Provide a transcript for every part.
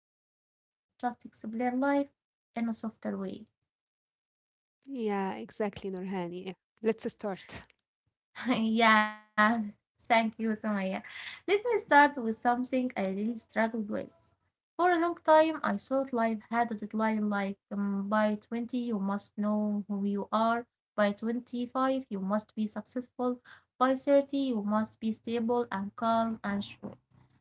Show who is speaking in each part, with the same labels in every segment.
Speaker 1: years wishing someone would just explain life in a softer way.
Speaker 2: Yeah, exactly, Nurhan. Yeah. Let's start.
Speaker 1: yeah, thank you, Sumaya. Let me start with something I really struggled with. For a long time, I thought life had a deadline like, by 20, you must know who you are. By 25, you must be successful. By 30, you must be stable and calm and sure.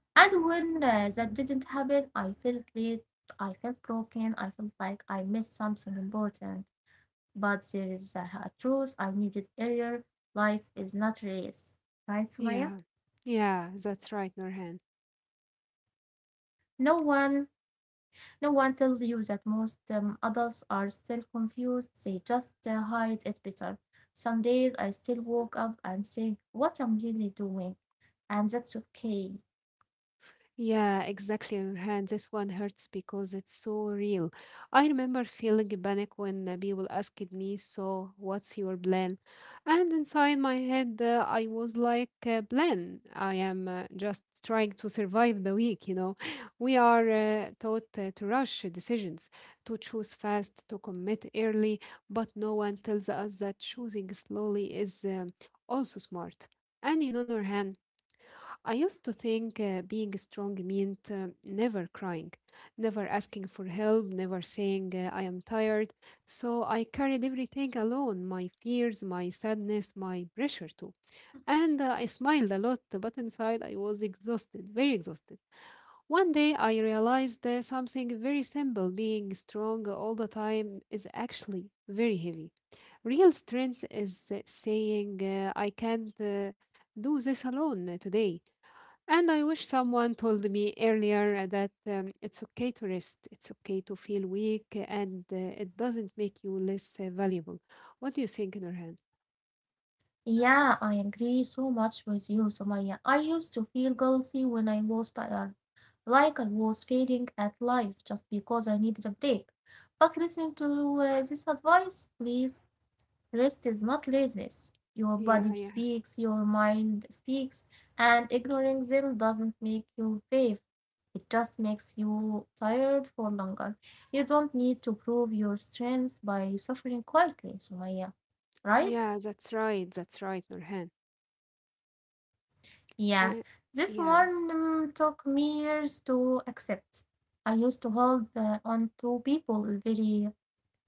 Speaker 1: And when that didn't happen, I felt late, I felt broken, I felt like I missed something important, but there is truth I needed earlier. Life is not a race, right,
Speaker 2: Yeah,
Speaker 1: Sumaya?
Speaker 2: yeah, that's right, Nurhan.
Speaker 1: No one, no one tells you that most adults are still confused. They just hide it better. Some days I still woke up and say, "What I'm really doing," and that's okay.
Speaker 2: Yeah, exactly, Hand. This one hurts because it's so real. I remember feeling panic when people asked me, so, what's your plan? And inside my head, I was like, plan, I am just trying to survive the week, We are taught to rush decisions, to choose fast, to commit early, but no one tells us that choosing slowly is also smart. And you know, Nurhan, I used to think being strong meant never crying, never asking for help, never saying I am tired. So I carried everything alone my fears, my sadness, my pressure too. And I smiled a lot, but inside I was exhausted, very exhausted. One day I realized something very simple being strong all the time is actually very heavy. Real strength is saying, I can't do this alone today. And I wish someone told me earlier that it's okay to rest, it's okay to feel weak, and it doesn't make you less valuable. What do you think, Nurhan?
Speaker 1: Yeah, I agree so much with you, Sumaya. I used to feel guilty when I was tired, like I was failing at life just because I needed a break. But listen to this advice, please. Rest is not laziness. Your
Speaker 2: Yeah,
Speaker 1: body
Speaker 2: yeah,
Speaker 1: speaks, your mind speaks, and ignoring them doesn't make you brave. It just makes you tired for longer. You don't need to prove your strength by suffering quietly, Sumaya. Right?
Speaker 2: yeah, that's right, Nurhan. I,
Speaker 1: Yes. This
Speaker 2: yeah,
Speaker 1: one took me years to accept. I used to hold on to people very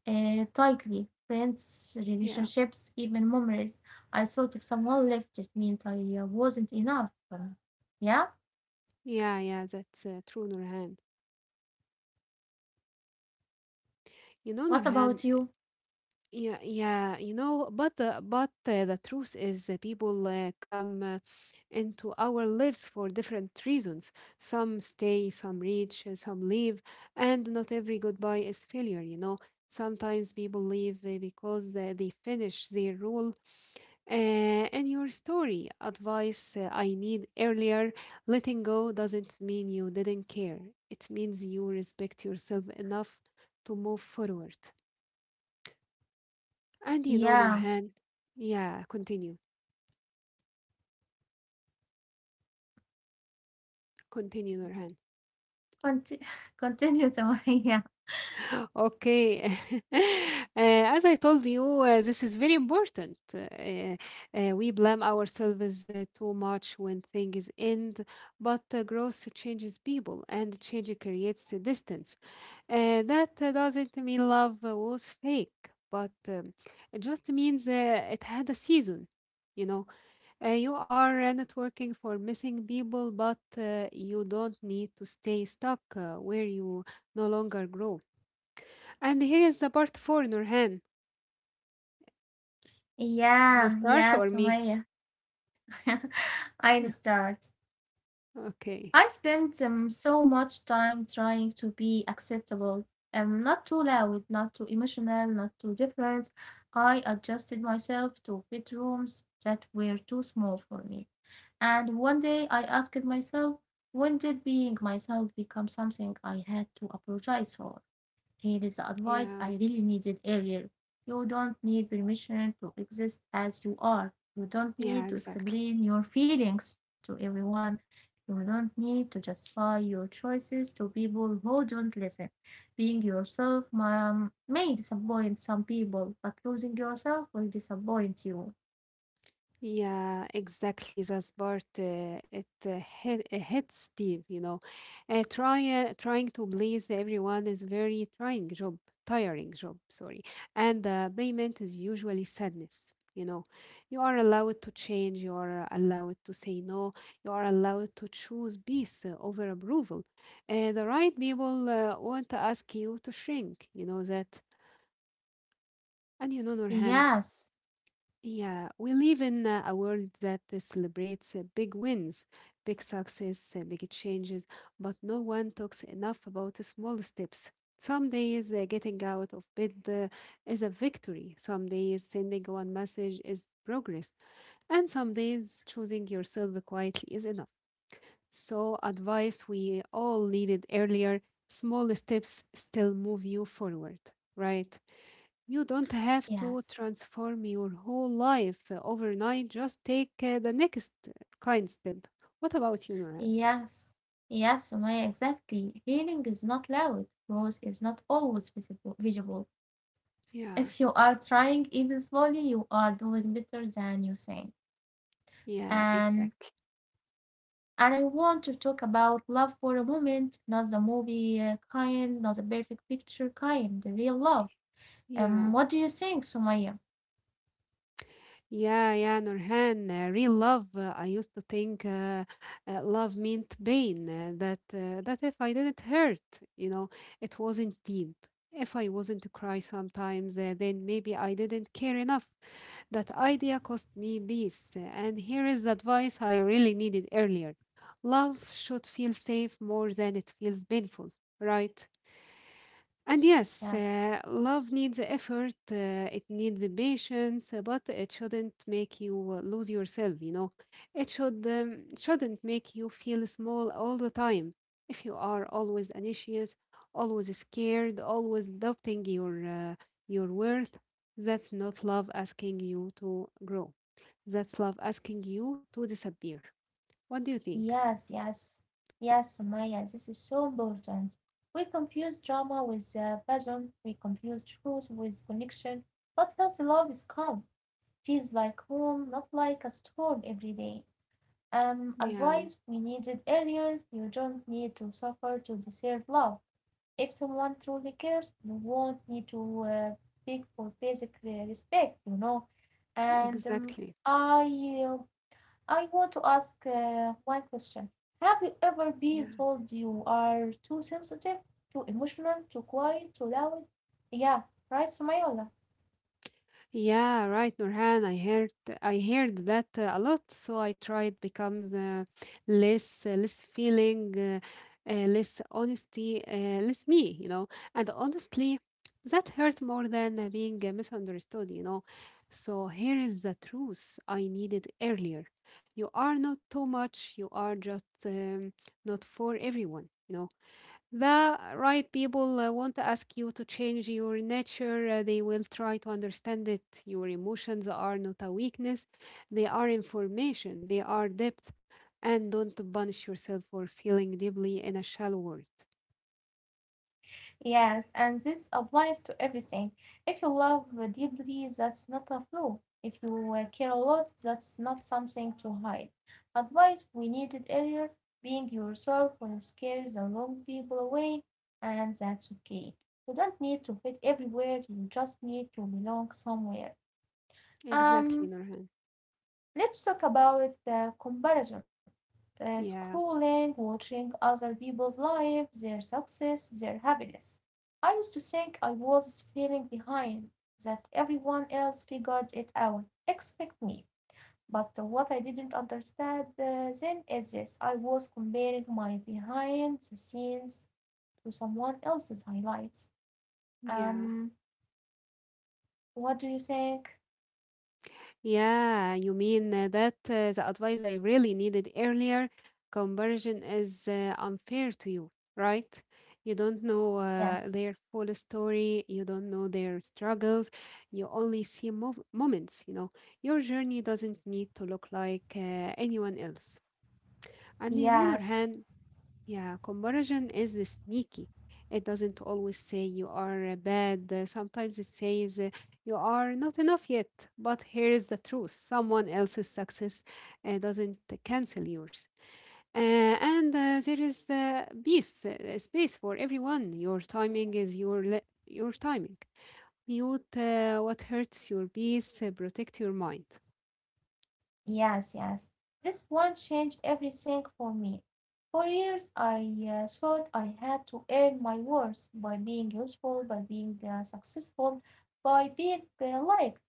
Speaker 1: tightly. Friends,
Speaker 2: yeah,
Speaker 1: relationships, even memories. I thought if someone left, it meant I wasn't enough. Yeah.
Speaker 2: yeah, yeah, that's true, Nurhan. You know,
Speaker 1: What
Speaker 2: Nurhan,
Speaker 1: about you?
Speaker 2: yeah, yeah, you know, but the truth is, people come into our lives for different reasons. Some stay, some reach, some leave, and not every goodbye is failure. You know, sometimes people leave because they finish their role. Uh, and your story, advice I need earlier: letting go doesn't mean you didn't care. It means you respect yourself enough to move forward. And Andy
Speaker 1: Yeah.
Speaker 2: Nonorhan. Yeah, continue. Continue, Norhan.
Speaker 1: Conti- continue, Sumaya.
Speaker 2: Okay. As I told you, this is very important. We blame ourselves too much when things end, but growth changes people and change creates a distance. That doesn't mean love was fake, but it just means it had a season, you know. You are networking for missing people, but you don't need to stay stuck where you no longer grow. And here is the part four, Nurhan. You
Speaker 1: Yeah.
Speaker 2: start
Speaker 1: Yeah,
Speaker 2: or me?
Speaker 1: Sumaya. I'll start. I
Speaker 2: Okay.
Speaker 1: spent so much time trying to be acceptable. Not too loud, not too emotional, not too different. I adjusted myself to fit rooms that were too small for me. And one day I asked myself, when did being myself become something I had to apologize for? Here is the advice
Speaker 2: Yeah.
Speaker 1: I really needed earlier. You don't need permission to exist as you are. You don't need
Speaker 2: Yeah,
Speaker 1: to
Speaker 2: exactly.
Speaker 1: explain your feelings to everyone. You don't need to justify your choices to people who don't listen. Being yourself may disappoint some people, but losing yourself will disappoint you.
Speaker 2: Yeah, exactly. That's part it hit, it hits deep, you know. Uh, trying to please everyone is very trying job, tiring job, sorry. And the payment is usually sadness, you know. You are allowed to change, you are allowed to say no, you are allowed to choose peace over approval. The right people want to ask you to shrink, you know that. And you know, Nurhan,
Speaker 1: Yes,
Speaker 2: yeah, we live in a world that celebrates big wins, big success, big changes, but no one talks enough about the small steps. Some days getting out of bed is a victory. Some days sending one message is progress. And some days choosing yourself quietly is enough. So, advice we all needed earlier small steps still move you forward, right? You don't have to
Speaker 1: yes.
Speaker 2: transform your whole life overnight. Just take the next kind step. What about you, Nurhan?
Speaker 1: Yes, yes, Sumaya, exactly. Healing is not loud, growth is not always visible.
Speaker 2: Yeah,
Speaker 1: If you are trying even slowly, you are doing better than you think.
Speaker 2: yeah,
Speaker 1: And
Speaker 2: exactly.
Speaker 1: and I want to talk about love for a moment, not the movie kind, not the perfect picture kind, the real love.
Speaker 2: Yeah,
Speaker 1: What do you think, Sumaya?
Speaker 2: yeah, yeah, Nurhan. Real love. I used to think love meant pain. That if I didn't hurt, you know, it wasn't deep. If I wasn't to cry sometimes, then maybe I didn't care enough. That idea cost me peace. And here is the advice I really needed earlier love should feel safe more than it feels painful, right? And yes,
Speaker 1: Yes.
Speaker 2: love needs effort, it needs patience, but it shouldn't make you lose yourself, you know. It shouldn't make you feel small all the time. If you are always anxious, always scared, always doubting uh, your worth, that's not love asking you to grow. That's love asking you to disappear. What do you think?
Speaker 1: Yes, yes, yes, Sumaya, this is so important. We confuse drama with passion, we confuse truth with connection, but healthy love is calm, feels like home, not like a storm every day.
Speaker 2: Yeah,
Speaker 1: Advice we needed earlier, you don't need to suffer to deserve love. If someone truly cares, you won't need to beg for basic respect, you know. And
Speaker 2: exactly.
Speaker 1: I uh, I want to ask one question. Have you ever been
Speaker 2: Yeah.
Speaker 1: told you are too sensitive, too emotional, too quiet, too loud? Yeah, right, Sumayla?
Speaker 2: Yeah, right, Nurhan. I heard that a lot, so I tried becomes less feeling, less honesty, less me, you know. And honestly, that hurt more than being misunderstood, you know. So here is the truth I needed earlier. You are not too much. You are just not for everyone. You know the right people won't ask you to change your nature. They will try to understand it. Your emotions are not a weakness, they are information, they are depth. And don't punish yourself for feeling deeply in a shallow world.
Speaker 1: Yes, and this applies to everything. If you love deeply, that's not a flaw. If you care a lot, that's not something to hide. Advice we needed earlier, being yourself will scare the wrong people away, and that's okay. You don't need to fit everywhere, you just need to belong somewhere.
Speaker 2: Exactly,
Speaker 1: Um,
Speaker 2: Nurhan.
Speaker 1: let's talk about the comparison.
Speaker 2: Yeah,
Speaker 1: Scrolling, watching other people's lives, their success, their happiness. I used to think I was feeling behind, that everyone else figured it out, except me. But what I didn't understand then is this: I was comparing my behind the scenes to someone else's highlights.
Speaker 2: yeah.
Speaker 1: Um, what do you think?
Speaker 2: Yeah, you mean that the advice I really needed earlier, comparison is unfair to you, right? You don't know
Speaker 1: Yes,
Speaker 2: their full story, you don't know their struggles, you only see mov moments, you know. Your journey doesn't need to look like anyone else. And on the other
Speaker 1: yes.
Speaker 2: hand, yeah, comparison is sneaky. It doesn't always say you are bad. Sometimes it says you are not enough yet. But here is the truth someone else's success doesn't cancel yours. Uh, and there is peace, space for everyone. Your timing is your timing. Mute what hurts your peace, protect your mind.
Speaker 1: Yes, yes. This one changed everything for me. For years I thought I had to earn my worth by being useful, by being successful, by being liked.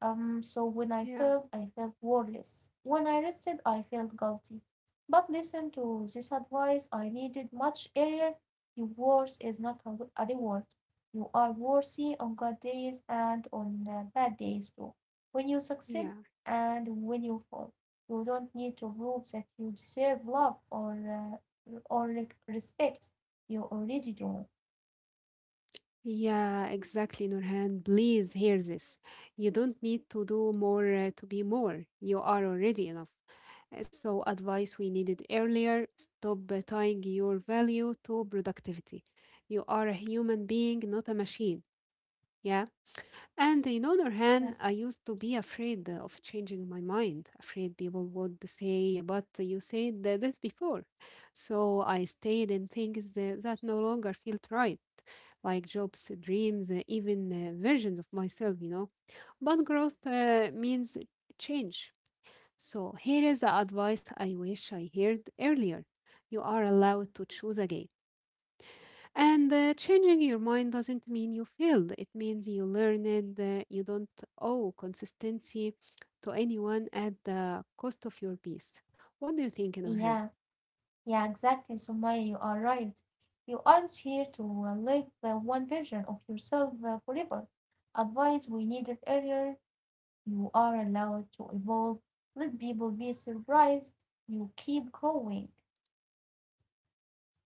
Speaker 1: So when I
Speaker 2: Yeah,
Speaker 1: failed, I felt worthless. When I rested, I felt guilty. But listen to this advice I needed much earlier. Your worth is not a reward. You are worthy on good days and on bad days too. When you succeed
Speaker 2: yeah,
Speaker 1: and when you fall, you don't need to prove that you deserve love or respect. You already do.
Speaker 2: yeah, exactly, Nurhan. Please hear this. You don't need to do more to be more. You are already enough. So, advice we needed earlier stop tying your value to productivity. You are a human being, not a machine. Yeah. And on the other hand, I
Speaker 1: Yes.
Speaker 2: used to be afraid of changing my mind, afraid people would say, but you said this before. So I stayed in things that no longer felt right, like jobs, dreams, even versions of myself, you know. But growth means change so here is the advice I wish I heard earlier. You are allowed to choose again. And changing your mind doesn't mean you failed. It means you learned. You don't owe consistency to anyone at the cost of your peace. What do you think, Norhan?
Speaker 1: Yeah. Yeah, exactly, Sumaya, you are right. You aren't here to live one version of yourself forever. Advice we needed earlier. You are allowed to evolve. Let people be surprised. You keep growing.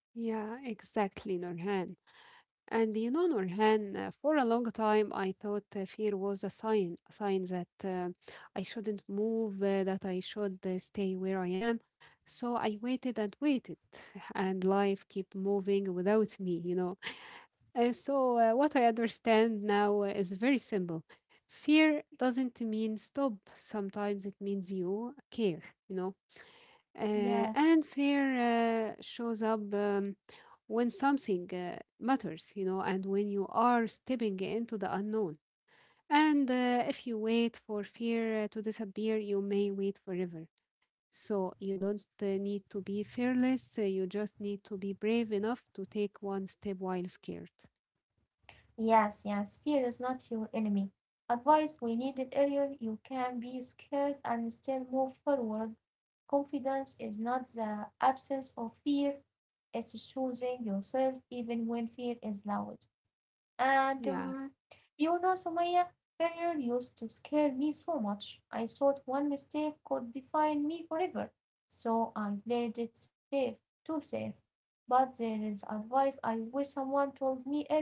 Speaker 2: Yeah, exactly, Norhan. And you know, Nurhan, for a long time I thought fear was a sign that I shouldn't move, that I should stay where I am. So I waited and waited, and life kept moving without me, you know. And so what I understand now is very simple. Fear doesn't mean stop. Sometimes it means you care, you know. Uh,
Speaker 1: Yes,
Speaker 2: and fear shows up when something matters, you know, and when you are stepping into the unknown. And if you wait for fear to disappear, you may wait forever. So you don't need to be fearless, you just need to be brave enough to take one step while scared.
Speaker 1: yes, yes. Fear is not your enemy. Advice we needed earlier. You can be scared and still move forward. Confidence is not the absence of fear, it's choosing yourself even when fear is loud. And
Speaker 2: Yeah.
Speaker 1: you know, Sumaya, failure used to scare me so much. I thought one mistake could define me forever. So I played it safe, too safe. But there is advice I wish someone told me earlier.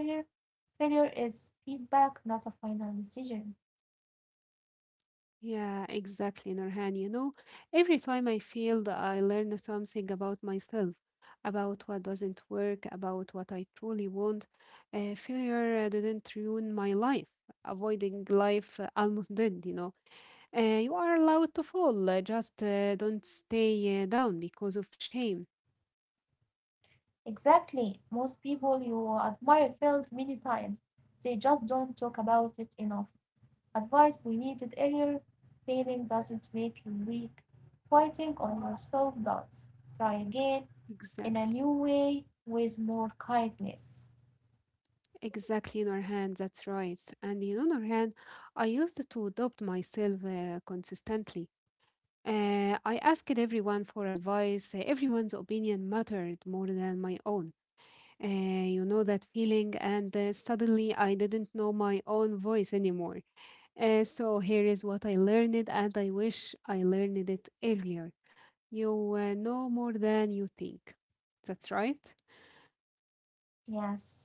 Speaker 1: Failure is feedback, not a final decision.
Speaker 2: Yeah, exactly, Nurhan. You know, every time I failed, I learned something about myself, about what doesn't work, about what I truly want. Failure didn't ruin my life. Avoiding life almost did, you know. You are allowed to fall, just don't stay down because of shame.
Speaker 1: Exactly. Most people you admire failed many times. They just don't talk about it enough. Advice we needed earlier. Failing doesn't make you weak. Fighting on yourself does. Try again in a
Speaker 2: Exactly.
Speaker 1: new way with more kindness.
Speaker 2: Exactly, Nurhan, that's right. And you know, Nurhan, I used to adopt myself consistently. I asked everyone for advice. Everyone's opinion mattered more than my own. You know that feeling, and suddenly I didn't know my own voice anymore. So here is what I learned, and I wish I learned it earlier. You know more than you think. That's right.
Speaker 1: Yes.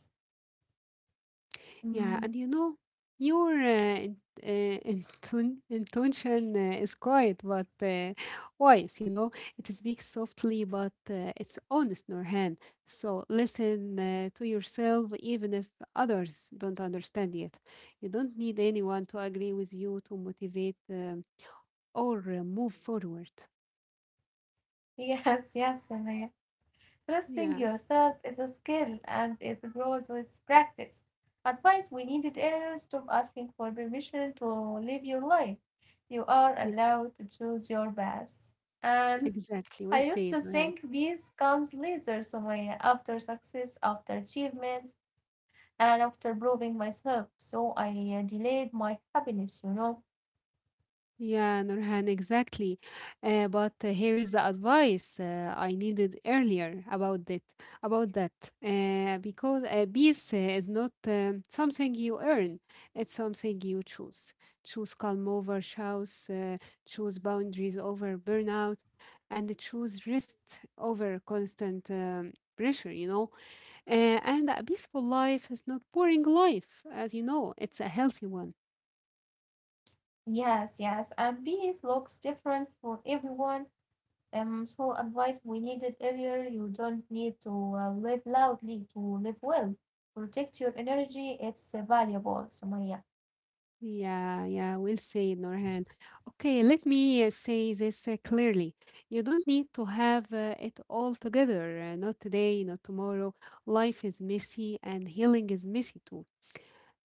Speaker 2: Yeah,
Speaker 1: Mm,
Speaker 2: and you know, your uh, intention is quiet but wise, you know. It speaks softly but it's honest, Nurhan. So listen to yourself even if others don't understand it. You don't need anyone to agree with you to motivate or move forward.
Speaker 1: yes, yes, Samaya. Trusting
Speaker 2: Yeah,
Speaker 1: yourself is a skill and it grows with practice. Advice we needed earlier. Stop asking for permission to live your life. You are
Speaker 2: yeah,
Speaker 1: allowed to choose your path. And
Speaker 2: exactly. Well
Speaker 1: I used
Speaker 2: said,
Speaker 1: to
Speaker 2: Nurhan.
Speaker 1: think peace comes later, Sumaya, after success, after achievement, and after proving myself. So I delayed my happiness, you know.
Speaker 2: Yeah, Nurhan, exactly. But here is the advice I needed earlier about that. About that, because peace is not something you earn; it's something you choose. Choose calm over chaos. Choose boundaries over burnout, and choose rest over constant pressure. You know, and a peaceful life is not boring life, as you know. It's a healthy one.
Speaker 1: Yes, yes, and peace looks different for everyone. So advice we needed earlier, you don't need to live loudly to live well. Protect your energy, it's valuable, Sumaya.
Speaker 2: Yeah, yeah, we'll say, Norhan. Okay, let me say this clearly. You don't need to have it all together, not today, not tomorrow. Life is messy and healing is messy too.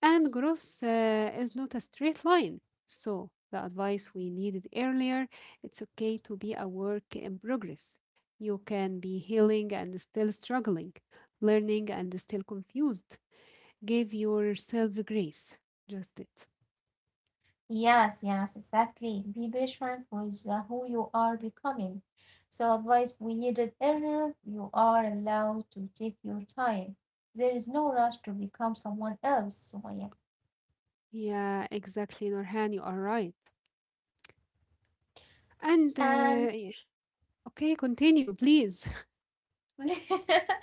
Speaker 2: And growth is not a straight line. So, the advice we needed earlier, it's okay to be a work in progress. You can be healing and still struggling, learning and still confused. Give yourself grace. Just it.
Speaker 1: Yes, yes, exactly. Be patient with who you are becoming. So, advice we needed earlier, you are allowed to take your time. There is no rush to become someone else, Sumaya.
Speaker 2: Yeah, exactly, Norhan. You are right. And
Speaker 1: And
Speaker 2: uh, y- okay, continue, please.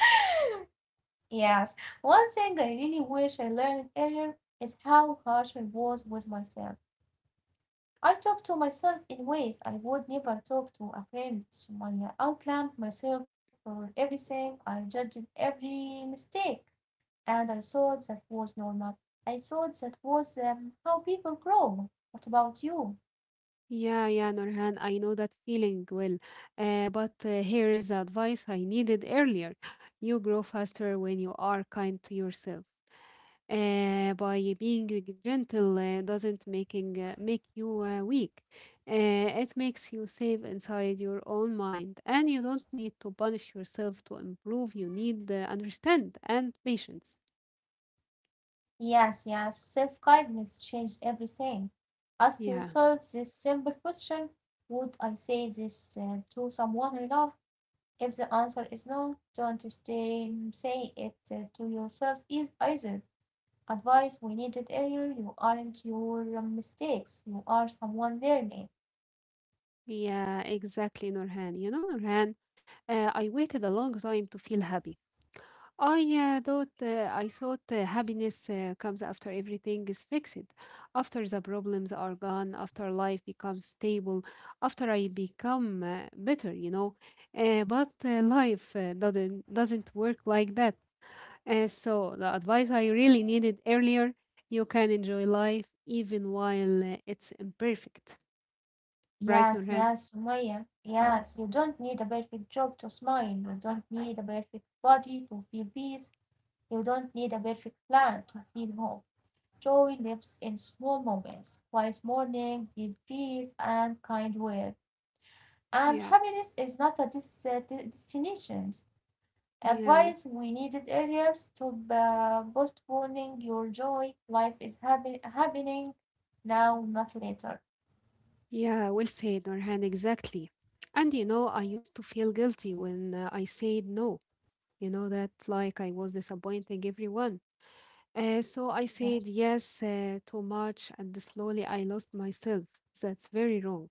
Speaker 1: yes, one thing I really wish I learned earlier is how harsh I was with myself. I talk to myself in ways I would never talk to a friend, Sumaya. I blamed myself for everything, I judged every mistake. And I thought that was normal. I thought that was how people grow. What about you?
Speaker 2: Yeah, yeah, Norhan. I know that feeling well. But here is the advice I needed earlier. You grow faster when you are kind to yourself. By being gentle doesn't making make you weak. It makes you safe inside your own mind, and you don't need to punish yourself to improve. You need understand and patience.
Speaker 1: Yes, yes, self kindness changed everything. Ask
Speaker 2: Yeah.
Speaker 1: yourself this simple question: would I say this to someone I love? If the answer is no, don't stay, say it to yourself is either. Advice we needed earlier, you aren't your mistakes, you are someone learning.
Speaker 2: Yeah, exactly, Nurhan. You know, Nurhan, I waited a long time to feel happy. I thought happiness comes after everything is fixed, after the problems are gone, after life becomes stable, after I become better. You know, but life doesn't work like that. So the advice I really needed earlier: you can enjoy life even while it's imperfect. Right,
Speaker 1: Yes,
Speaker 2: Nurhan?
Speaker 1: yes, Sumaya. Yes, you don't need a perfect job to smile. You don't need a perfect body to feel peace. You don't need a perfect plan to feel hope. Joy lives in small moments, quiet morning, deep breeze, and kind word. And
Speaker 2: Yeah.
Speaker 1: happiness is not a destination.
Speaker 2: Yeah,
Speaker 1: Advice we needed earlier: stop postponing your joy. Life is happening now, not later.
Speaker 2: yeah, well said, Norhan, exactly. And you know, I used to feel guilty when I said no, you know, that like I was disappointing everyone. So I
Speaker 1: Yes,
Speaker 2: said yes too much, and slowly I lost myself. That's very wrong.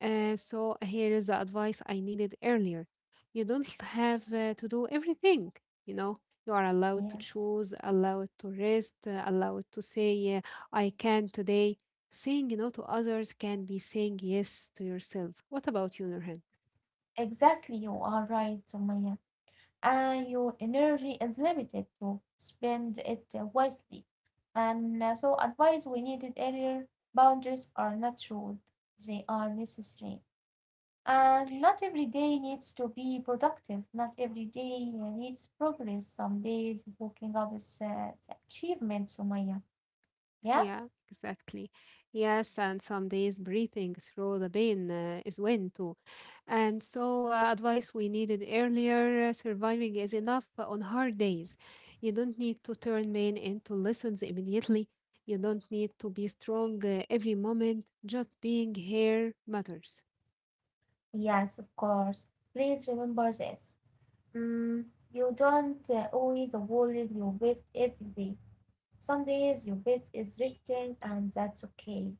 Speaker 2: So here is the advice I needed earlier. You don't have to do everything, you know. You are allowed to
Speaker 1: yes.
Speaker 2: choose, allowed to rest, allowed to say, I can today. Saying no to others can be saying yes to yourself. What about you, Nurhan?
Speaker 1: Exactly, you are right, Sumaya. And your energy is limited to spend it wisely. And so, advice we needed earlier, boundaries are not rude, they are necessary. And not every day needs to be productive, not every day needs progress. Some days waking up is the achievement, Sumaya. Yes?
Speaker 2: Yeah, exactly. Yes, and some days breathing through the pain is when too. And so, advice we needed earlier surviving is enough on hard days. You don't need to turn pain into lessons immediately. You don't need to be strong every moment. Just being here matters.
Speaker 1: Yes, of course. Please remember this. Mm, you don't owe the world your best every day. Some days your face is resting and that's okay.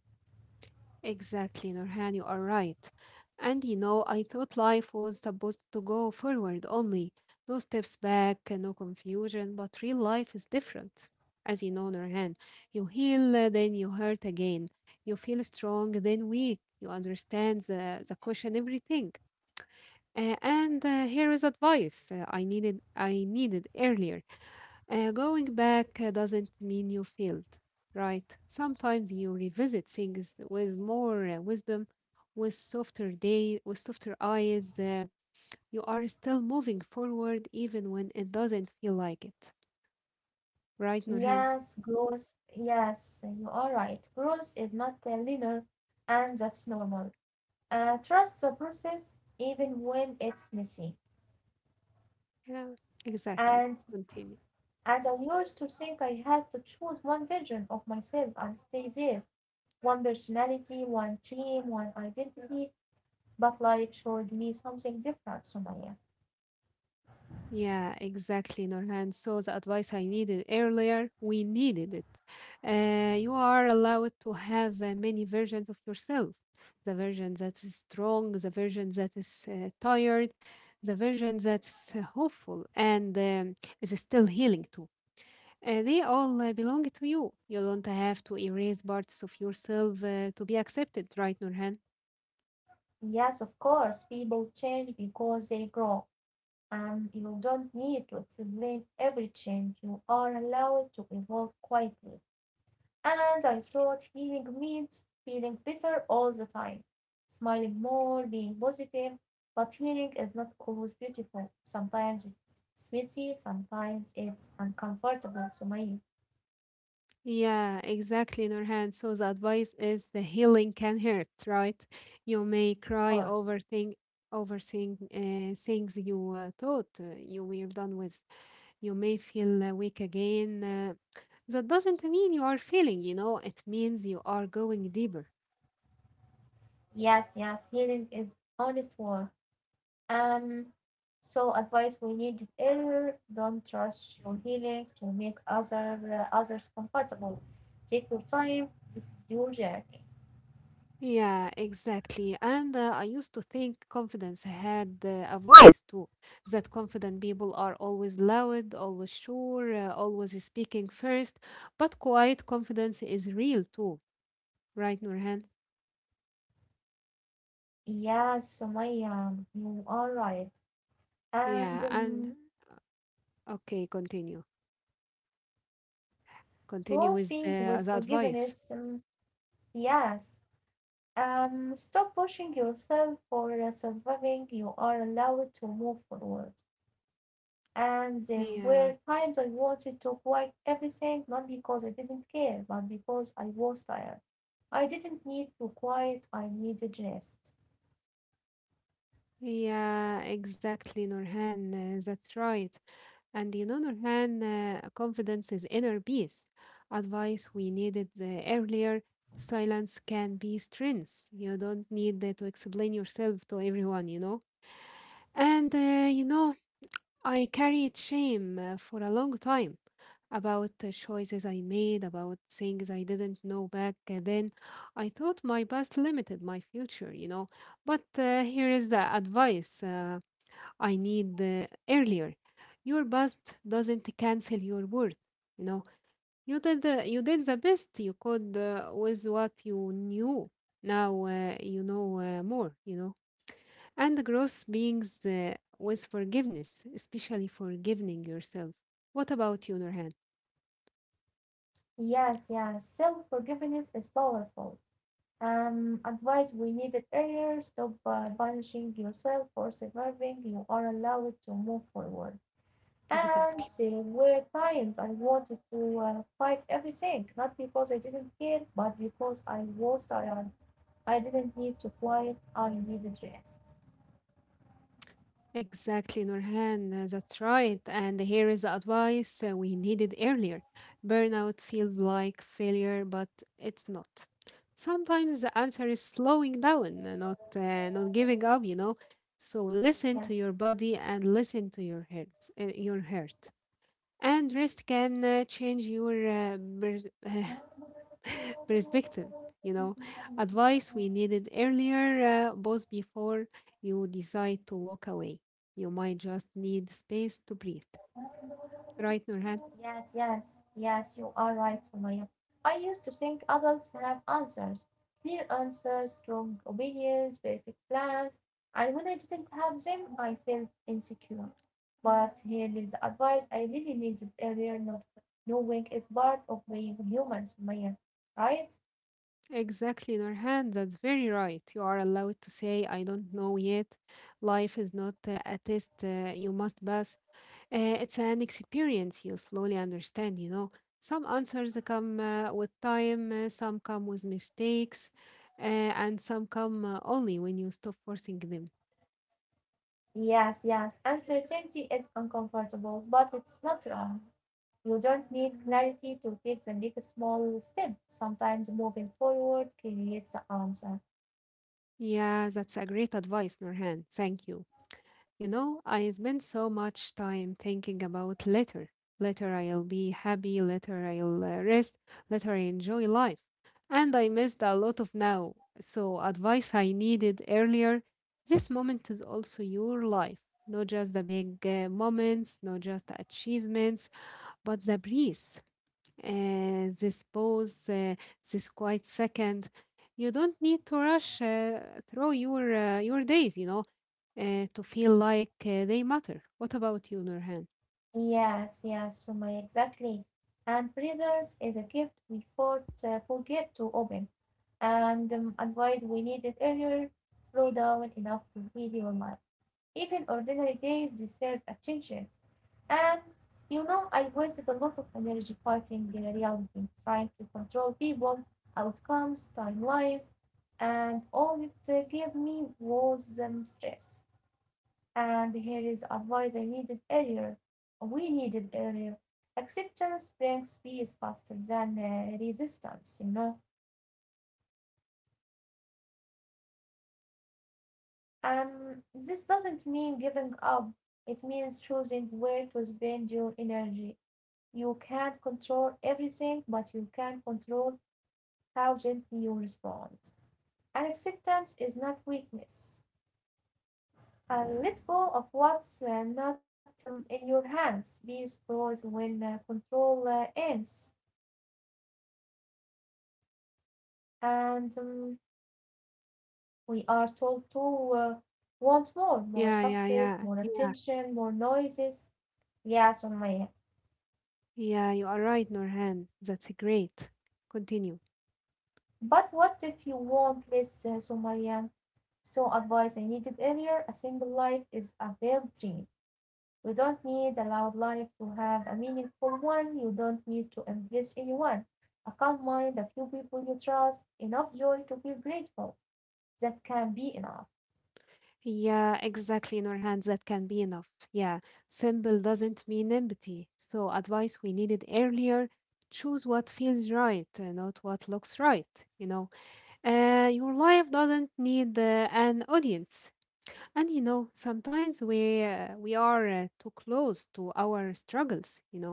Speaker 2: Exactly, Nurhan, you are right. And you know, I thought life was supposed to go forward only, no steps back, no confusion, but real life is different. As you know, Nurhan, you heal, then you hurt again. You feel strong, then weak. You understand the cushion, everything. And here is advice I needed earlier. Going back doesn't mean you failed, right? Sometimes you revisit things with more wisdom, with softer day, with softer eyes. You are still moving forward even when it doesn't feel like it, right,
Speaker 1: Yes,
Speaker 2: Nurhan?
Speaker 1: growth. Yes, you are right. Growth is not linear and that's normal. Trust the process even when it's messy.
Speaker 2: Yeah,
Speaker 1: And
Speaker 2: exactly. Continue.
Speaker 1: and I used to think I had to choose one version of myself and stay there. One personality, one team, one identity. But life showed me something different, Sumaya.
Speaker 2: Yeah, exactly, Norhan. So the advice I needed earlier, we needed it. You are allowed to have many versions of yourself. The version that is strong, the version that is tired, the version that's hopeful and is still healing too. They all belong to you. You don't have to erase parts of yourself to be accepted, right, Nurhan?
Speaker 1: Yes, of course, people change because they grow. And you don't need to explain every change; you are allowed to evolve quietly. And I thought healing means feeling better all the time, smiling more, being positive. But healing is not always beautiful. Sometimes it's messy, sometimes it's uncomfortable to my
Speaker 2: Yeah, exactly, Nurhan. So the advice is the healing can hurt, right? You may cry
Speaker 1: horse.
Speaker 2: over thing, things you thought you were done with. You may feel weak again. That doesn't mean you are failing, you know, it means you are going deeper.
Speaker 1: Yes, yes, healing is honest work. Um, so advice we need error. Don't trust your healing to make others comfortable. Take your time. This is your journey.
Speaker 2: Yeah, exactly. And I used to think confidence had a voice too, that confident people are always loud, always sure, always speaking first. But quiet confidence is real too, right, Nurhan?
Speaker 1: Yes, Sumaya, you are right. And
Speaker 2: Yeah, and okay, continue.
Speaker 1: grow
Speaker 2: Continue
Speaker 1: being
Speaker 2: with
Speaker 1: with
Speaker 2: the
Speaker 1: forgiveness.
Speaker 2: advice.
Speaker 1: Yes. Stop pushing yourself for surviving. You are allowed to move forward. And there were
Speaker 2: Yeah,
Speaker 1: times I wanted to quit everything, not because I didn't care, but because I was tired. I didn't need to quit; I needed rest.
Speaker 2: yeah, exactly, Nurhan. That's right. And in other hand, confidence is inner peace. Advice we needed earlier. Silence can be strength. You don't need to explain yourself to everyone, you know. And you know, I carried shame for a long time about choices I made, about things I didn't know back then. I thought my past limited my future, you know. But here is the advice. I need earlier. Your past doesn't cancel your worth. You know, you did the best you could with what you knew. Now you know more, you know. And growth beings with forgiveness, especially forgiving yourself. What about you, Nurhan?
Speaker 1: Yes, yes, self forgiveness is powerful. Advice we needed earlier, stop punishing yourself for surviving, you are allowed to move forward. And
Speaker 2: Exactly.
Speaker 1: there were times I wanted to fight everything, not because I didn't care, but because I was tired. I didn't need to quiet. I needed rest.
Speaker 2: Exactly, Nurhan. That's right. And here is the advice we needed earlier. Burnout feels like failure, but it's not. Sometimes the answer is slowing down, not not giving up, you know. So listen to your
Speaker 1: Yes,
Speaker 2: body and listen to your heart, your heart. And rest can change your perspective, you know, advice we needed earlier, both before you decide to walk away. You might just need space to breathe. Right, Nurhan?
Speaker 1: yes, you are right, Sumaya. I used to think adults have answers, clear answers, strong opinions, perfect plans, and when I didn't have them, I felt insecure. But here is the advice I really needed earlier, not knowing is part of being human, Sumaya, right?
Speaker 2: Exactly, Nurhan. That's very right. You are allowed to say, I don't know yet. Life is not a test you must pass. It's an experience you slowly understand, you know. Some answers come with time, some come with mistakes, and some come only when you stop forcing them.
Speaker 1: Yes, yes, uncertainty is uncomfortable, but it's not wrong. You don't need clarity to take the next small step. Sometimes moving forward creates the answer.
Speaker 2: Yeah, that's a great advice, Nurhan. Thank you. You know, I spend so much time thinking about later. Later I'll be happy, later I'll rest, later I enjoy life. And I missed a lot of now. So, advice I needed earlier, this moment is also your life. Not just the big moments, not just the achievements, but the breeze this pause, this quiet second. You don't need to rush through your days, you know, to feel like they matter. What about you, Nurhan?
Speaker 1: Yes, yes, Suma, exactly. And presence is a gift we forget to open. And advice we needed earlier, slow down enough to heal your mind. Even ordinary days deserve attention. And you know, I wasted a lot of energy fighting the reality, trying to control people, outcomes, timelines, and all it gave me was stress. And here is advice I needed earlier, we needed earlier. Acceptance brings peace faster than resistance, you know. This doesn't mean giving up. It means choosing where to spend your energy. You can't control everything, but you can control how gently you respond! And acceptance is not weakness. And let go of what's not in your hands. Peace grows when control ends. And we are told to want more, more
Speaker 2: Yeah, yeah,
Speaker 1: success,
Speaker 2: yeah,
Speaker 1: more
Speaker 2: yeah,
Speaker 1: attention, more noises. Yeah, Sumaya.
Speaker 2: yeah. You are right, Nurhan. That's great. Continue.
Speaker 1: But what if you won't listen, Sumayya? So advice I needed earlier, a single life is a veiled dream. You don't need a loud life to have a meaningful one. You don't need to impress anyone. A calm mind, a few people you trust, enough joy to feel grateful. That can be enough.
Speaker 2: Yeah, exactly, Nurhan. That can be enough. Yeah, simple doesn't mean empty. So, advice we needed earlier: choose what feels right, not what looks right. You know. Your life doesn't need an audience. And you know, sometimes we are too close to our struggles, you know,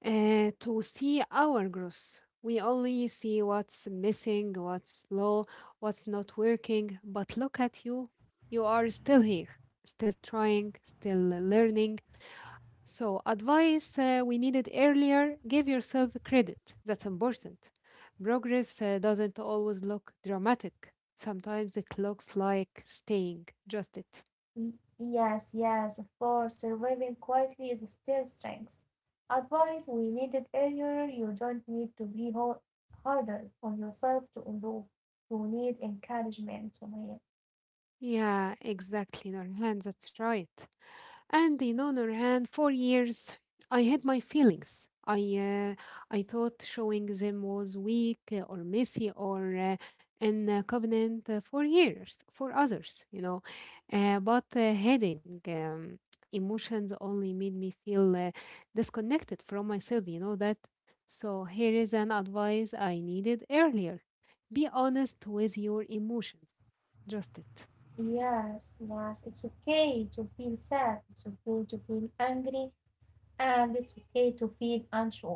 Speaker 2: to see our growth. We only see what's missing, what's low, what's not working. But look at you. You are still here, still trying, still learning, so, advice we needed earlier, give yourself credit. That's important. Progress doesn't always look dramatic, sometimes it looks like staying just it.
Speaker 1: Y- Yes, yes, of course, surviving quietly is still strength. Advice we needed earlier, you don't need to be harder on yourself to improve. You need encouragement, Sumaya.
Speaker 2: Yeah, exactly, Norhan. That's right. And in other hand, for years, I had my feelings. Uh, I thought showing them was weak or messy or inconvenient for years for others, you know. But hiding emotions only made me feel disconnected from myself. You know that. So here is an advice I needed earlier: be honest with your emotions. Just it.
Speaker 1: Yes, yes, it's okay to feel sad, it's okay to feel angry, and it's okay to feel unsure.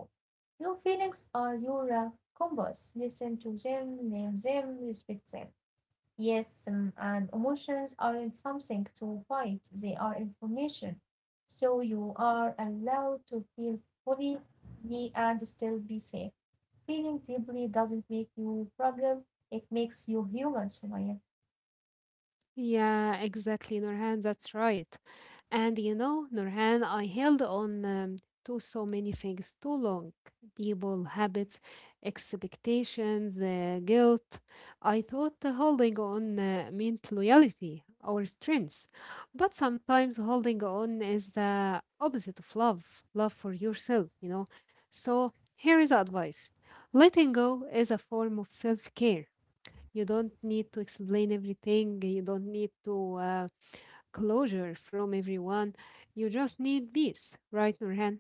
Speaker 1: Your feelings are your compass. Listen to them, name them, respect them. Yes, and emotions aren't something to fight, they are information. So you are allowed to feel fully me, and still be safe. Feeling deeply doesn't make you problem, it makes you human, Sumaya.
Speaker 2: Yeah, exactly, Nurhan. That's right. And you know, Nurhan, I held on to so many things too long. People, habits, expectations, guilt. I thought holding on meant loyalty or strength. But sometimes holding on is the opposite of love, love for yourself, you know. So here is advice. Letting go is a form of self-care. You don't need to explain everything. You don't need to closure from everyone. You just need peace, right, Nurhan?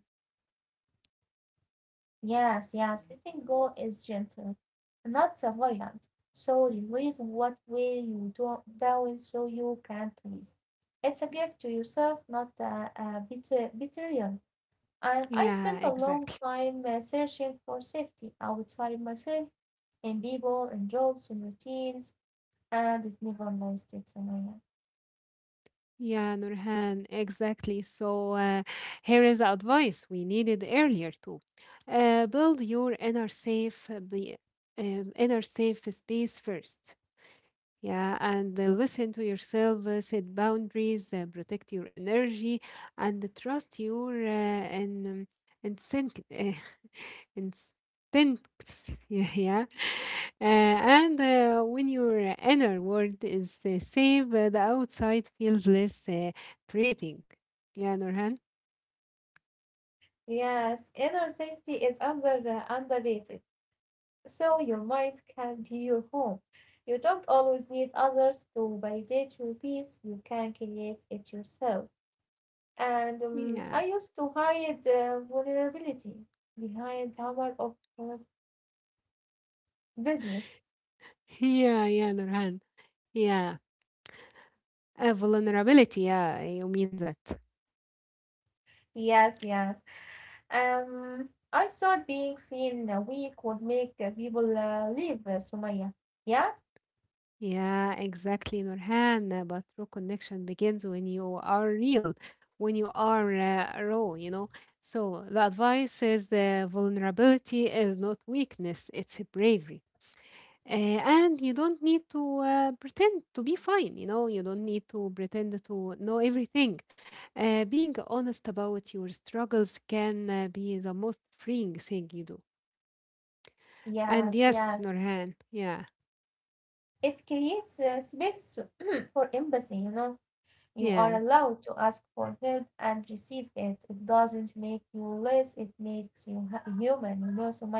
Speaker 1: Yes, yes, letting go is gentle, not violent. So release what way you do down so you can please. It's a gift to yourself, not a bitter betrayal. And I spent
Speaker 2: Yeah,
Speaker 1: a long
Speaker 2: exactly.
Speaker 1: time searching for safety outside myself, in people, in jobs, in routines, and it never lasted, Sumaya.
Speaker 2: Yeah, Nurhan, exactly. So here is the advice we needed earlier too. Build your inner safe space first. Yeah, and listen to yourself, set boundaries, protect your energy, and trust your instinct, uh, instincts. Yeah, yeah. And when your inner world is safe, the outside feels less threatening. Yeah, Nurhan.
Speaker 1: Yes, inner safety is under the underrated. So your mind can be your home. You don't always need others to validate your peace. You can create it yourself. And
Speaker 2: Yeah,
Speaker 1: I used to hide vulnerability behind armor of business.
Speaker 2: yeah, yeah, Nurhan. Yeah, vulnerability. Yeah, you mean that.
Speaker 1: Yes, yes. I thought being seen weak would make people leave Sumaya. Yeah,
Speaker 2: Yeah, exactly, Nurhan. But true connection begins when you are real, when you are raw, you know. So the advice is the vulnerability is not weakness, it's a bravery. Uh, and you don't need to pretend to be fine, you know, you don't need to pretend to know everything. Being honest about your struggles can be the most freeing thing you do. And
Speaker 1: yes,
Speaker 2: yes,
Speaker 1: yes.
Speaker 2: Nurhan, yeah,
Speaker 1: It creates a space for empathy, you know. You are
Speaker 2: yeah,
Speaker 1: allowed to ask for help and receive it. It doesn't make you less, it makes you human, you know, Sumaya.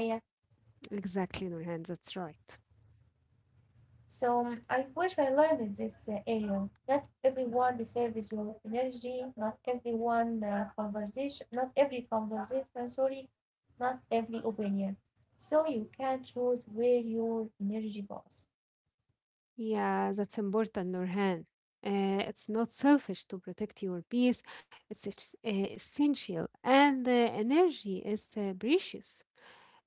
Speaker 2: exactly, Nurhan, that's right.
Speaker 1: So I wish I learned in this area. Not everyone deserves your energy, not everyone conversation, not every conversation, sorry, not every opinion. So you can choose where your energy goes.
Speaker 2: Yeah, that's important, Nurhan. It's not selfish to protect your peace. It's essential, and the energy is precious.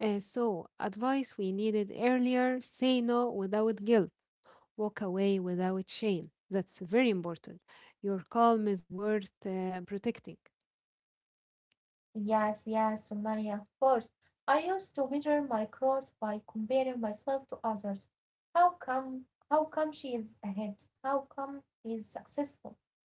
Speaker 2: Advice we needed earlier: say no without guilt, walk away without shame. That's very important. Your calm is worth protecting.
Speaker 1: Yes, yes, Sumaya, of course. I used to measure my cross by comparing myself to others. How come how come she is ahead? How come he is successful?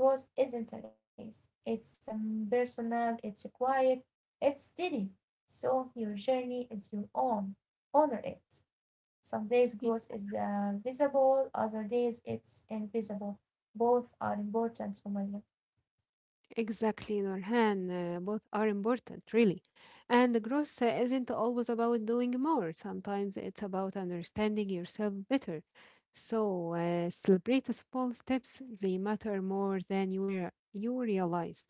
Speaker 1: But cross isn't a race. It's impersonal, it's quiet, it's steady. So your journey is your own. Honor it. Some days growth is visible, other days it's invisible. Both are important for me.
Speaker 2: Exactly, Norhan. Both are important, really. And the growth isn't always about doing more. Sometimes it's about understanding yourself better. So celebrate the small steps. They matter more than you realize.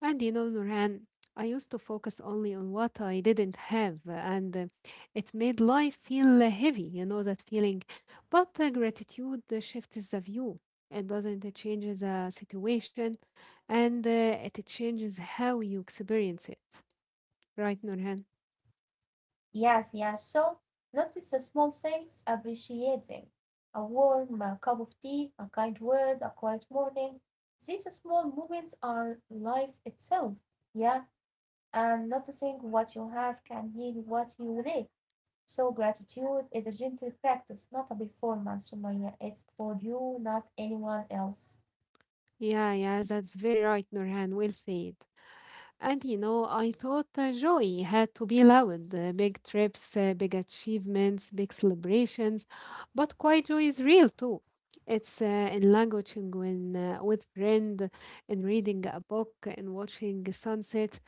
Speaker 2: And you know, Nurhan, I used to focus only on what I didn't have, and it made life feel heavy, you know, that feeling. But gratitude shifts the view. It doesn't change the situation, and it changes how you experience it. Right, Nurhan?
Speaker 1: Yes, yes. So notice the small things, appreciate them. A warm cup of tea, a kind word, a quiet morning. These small moments are life itself. Yeah, and noticing what you have can heal what you lack. So gratitude is a gentle practice, not a performance, Sumaya. It's for you, not anyone else.
Speaker 2: Yeah, yeah, that's very right, Nurhan. Well said. And you know, I thought joy had to be loud, big trips, big achievements, big celebrations. But quiet joy is real too. It's in languaging when with friend, in reading a book, in watching the sunset.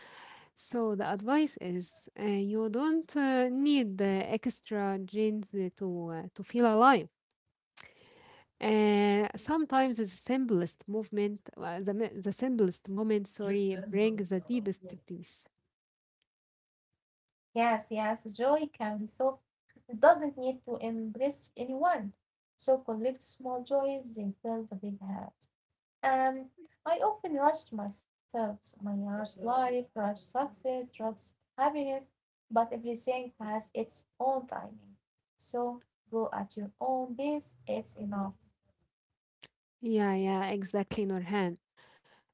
Speaker 2: So the advice is you don't need the extra genes to feel alive. Sometimes the simplest the simplest moment, sorry, brings the deepest peace.
Speaker 1: Yes, yes, joy can be soft. It doesn't need to embrace anyone. So collect small joys, they fill the big heart. Um, I often rushed myself, so my rushed life, rushed success, rushed happiness, but everything has its own timing. So go at your own pace, it's enough.
Speaker 2: Yeah, yeah, exactly, Norhan.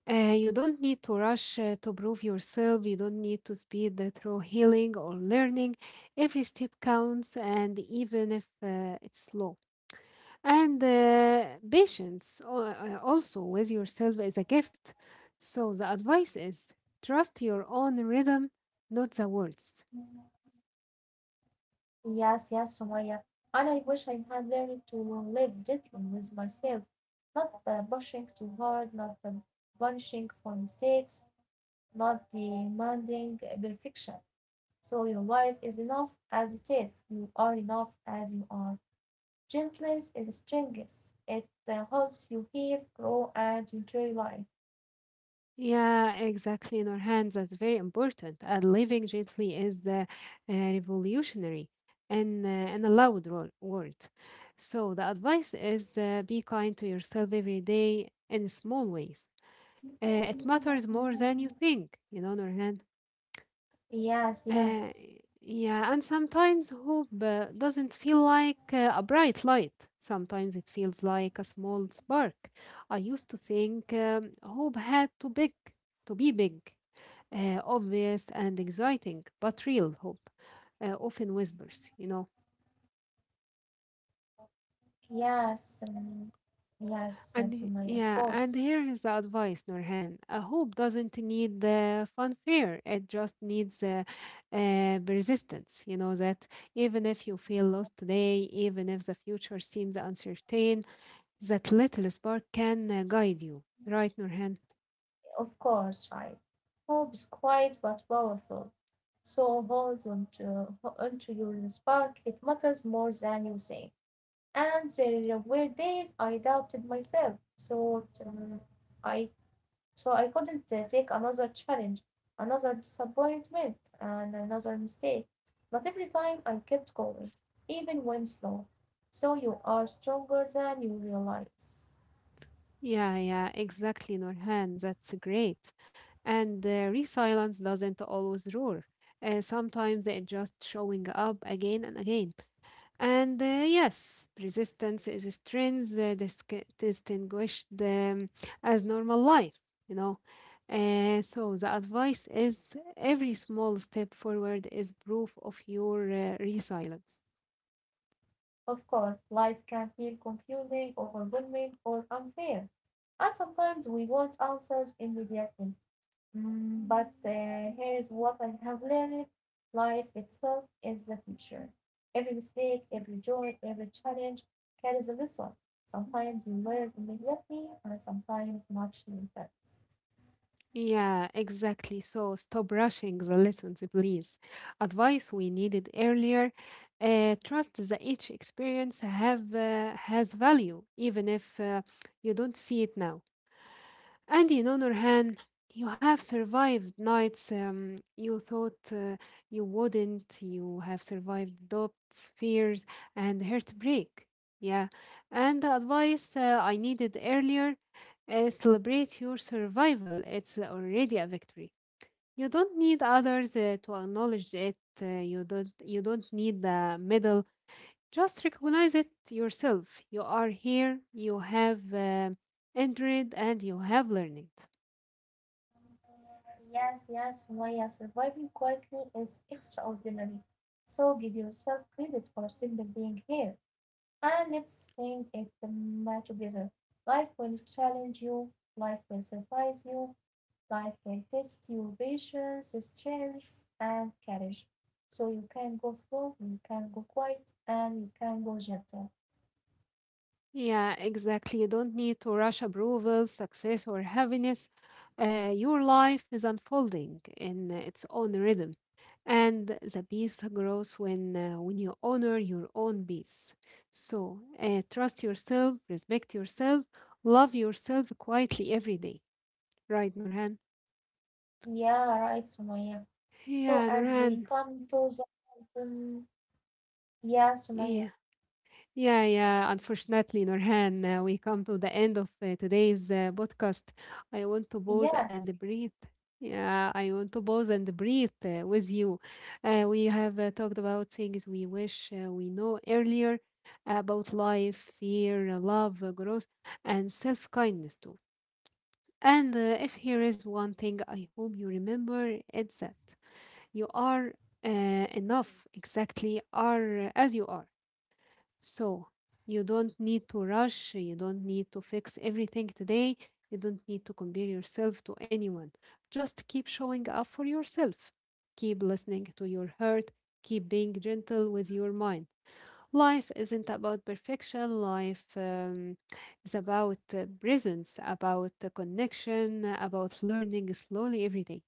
Speaker 2: You don't need to rush to prove yourself. You don't need to speed through healing or learning. Every step counts, and even if it's slow. And also with yourself is a gift. So the advice is trust your own rhythm, not the world's.
Speaker 1: Yes, yes, Sumaya. And I wish I had learned to live gently with myself, not pushing too hard, not punishing for mistakes, not demanding perfection. So your life is enough as it is. You are enough as you are. Gentleness is strength. It helps you heal, grow, and enjoy life.
Speaker 2: Yeah, exactly, in our hands, that's very important. And living gently is revolutionary and a loud word. So, the advice is be kind to yourself every day in small ways. It matters more than you think, you know, Norhan.
Speaker 1: Yes,
Speaker 2: Uh,
Speaker 1: yes,
Speaker 2: yeah, and sometimes hope doesn't feel like a bright light. Sometimes it feels like a small spark. I used to think hope to be big, obvious and exciting, but real hope often whispers, you know.
Speaker 1: yes, yes, Sumaya,
Speaker 2: Yeah, and here is the advice, Nurhan. A hope doesn't need the fanfare. It just needs persistence. You know that even if you feel lost today, even if the future seems uncertain, that little spark can guide you. Right, Nurhan?
Speaker 1: of course, right. Hope is quiet but powerful. So hold on to your spark. It matters more than you say. And there were days I doubted myself, thought I I couldn't take another challenge, another disappointment, and another mistake. But every time I kept going, even when slow. So you are stronger than you realize.
Speaker 2: Yeah, yeah, exactly, Nurhan. That's great. And resilience doesn't always roar. Sometimes it just showing up again and again. And yes, resistance is strength distinguished as normal life, you know. So the advice is every small step forward is proof of your resilience.
Speaker 1: Of course, life can feel confusing, overwhelming, or unfair. And sometimes we want answers immediately. Mm, but here's what I have learned, life itself is the teacher. Every mistake, every joy, every challenge carries a lesson. Sometimes you learn immediately, and sometimes much later.
Speaker 2: Yeah, exactly. So stop rushing the lessons, please. Advice we needed earlier. Trust that each experience have has value, even if you don't see it now. And in honor, Han, you have survived nights you thought you wouldn't. You have survived doubts, fears, and heartbreak. Yeah. And the advice I needed earlier celebrate your survival. It's already a victory. You don't need others to acknowledge it. You don't. You don't need the medal. Just recognize it yourself. You are here. You have entered, and you have learned.
Speaker 1: Yes, yes, Maya, surviving quietly is extraordinary. So give yourself credit for simply being here. And let's think it together. Life will challenge you, life will surprise you, life will test your patience, strength, and courage. So you can go slow, you can go quiet, and you can go gentle.
Speaker 2: Yeah, exactly. You don't need to rush approval, success, or happiness. Your life is unfolding in its own rhythm, and the peace grows when you honor your own peace. So, trust yourself, respect yourself, love yourself quietly every day. Right, Nurhan?
Speaker 1: Yeah, right, Sumaya. So
Speaker 2: Yeah,
Speaker 1: as we
Speaker 2: Nurhan.
Speaker 1: come to the yeah, Sumaya.
Speaker 2: Yeah. Yeah, yeah. Unfortunately, Norhan, we come to the end of today's podcast. I want to pause
Speaker 1: Yes.
Speaker 2: and breathe. Yeah, I want to pause and breathe with you. We have talked about things we wish we know earlier about life, fear, love, growth, and self kindness too. And if here is one thing I hope you remember, it's that you are enough exactly are as you are. So you don't need to rush, you don't need to fix everything today, you don't need to compare yourself to anyone. Just keep showing up for yourself. Keep listening to your heart, keep being gentle with your mind. Life isn't about perfection, life is about presence, about the connection, about learning slowly every day.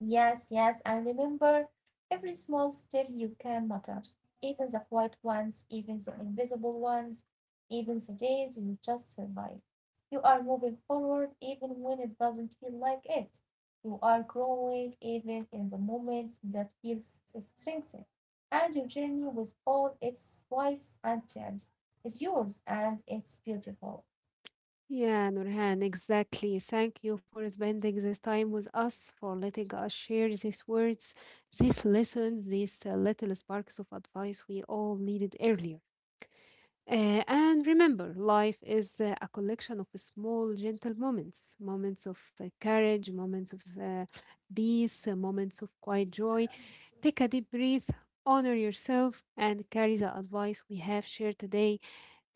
Speaker 1: Yes, yes, and remember, every small step you can matters, even the quiet ones, even the invisible ones, even the days you just survive. You are moving forward even when it doesn't feel like it. You are growing even in the moments that feels strengthened. And your journey with all its twists and turns is yours and it's beautiful.
Speaker 2: Yeah, Nurhan, exactly. Thank you for spending this time with us, for letting us share these words, these lessons, these little sparks of advice we all needed earlier. And remember, life is a collection of small, gentle moments moments of courage, moments of peace, moments of quiet joy. Take a deep breath, honor yourself, and carry the advice we have shared today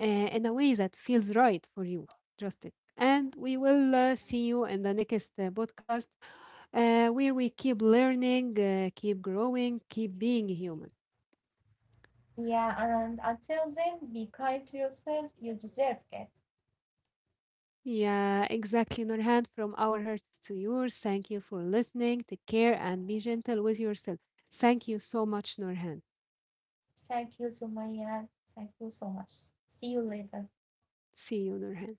Speaker 2: in a way that feels right for you. Just it. And we will see you in the next podcast where we keep learning, keep growing, keep being human.
Speaker 1: Yeah, and until then, be kind to yourself, you deserve it.
Speaker 2: Yeah, exactly, Nurhan. From our hearts to yours, thank you for listening. Take care and be gentle with yourself. Thank you so much, Nurhan.
Speaker 1: Thank you, Sumaya. Thank you so much. See you later.
Speaker 2: See you, Nurhan.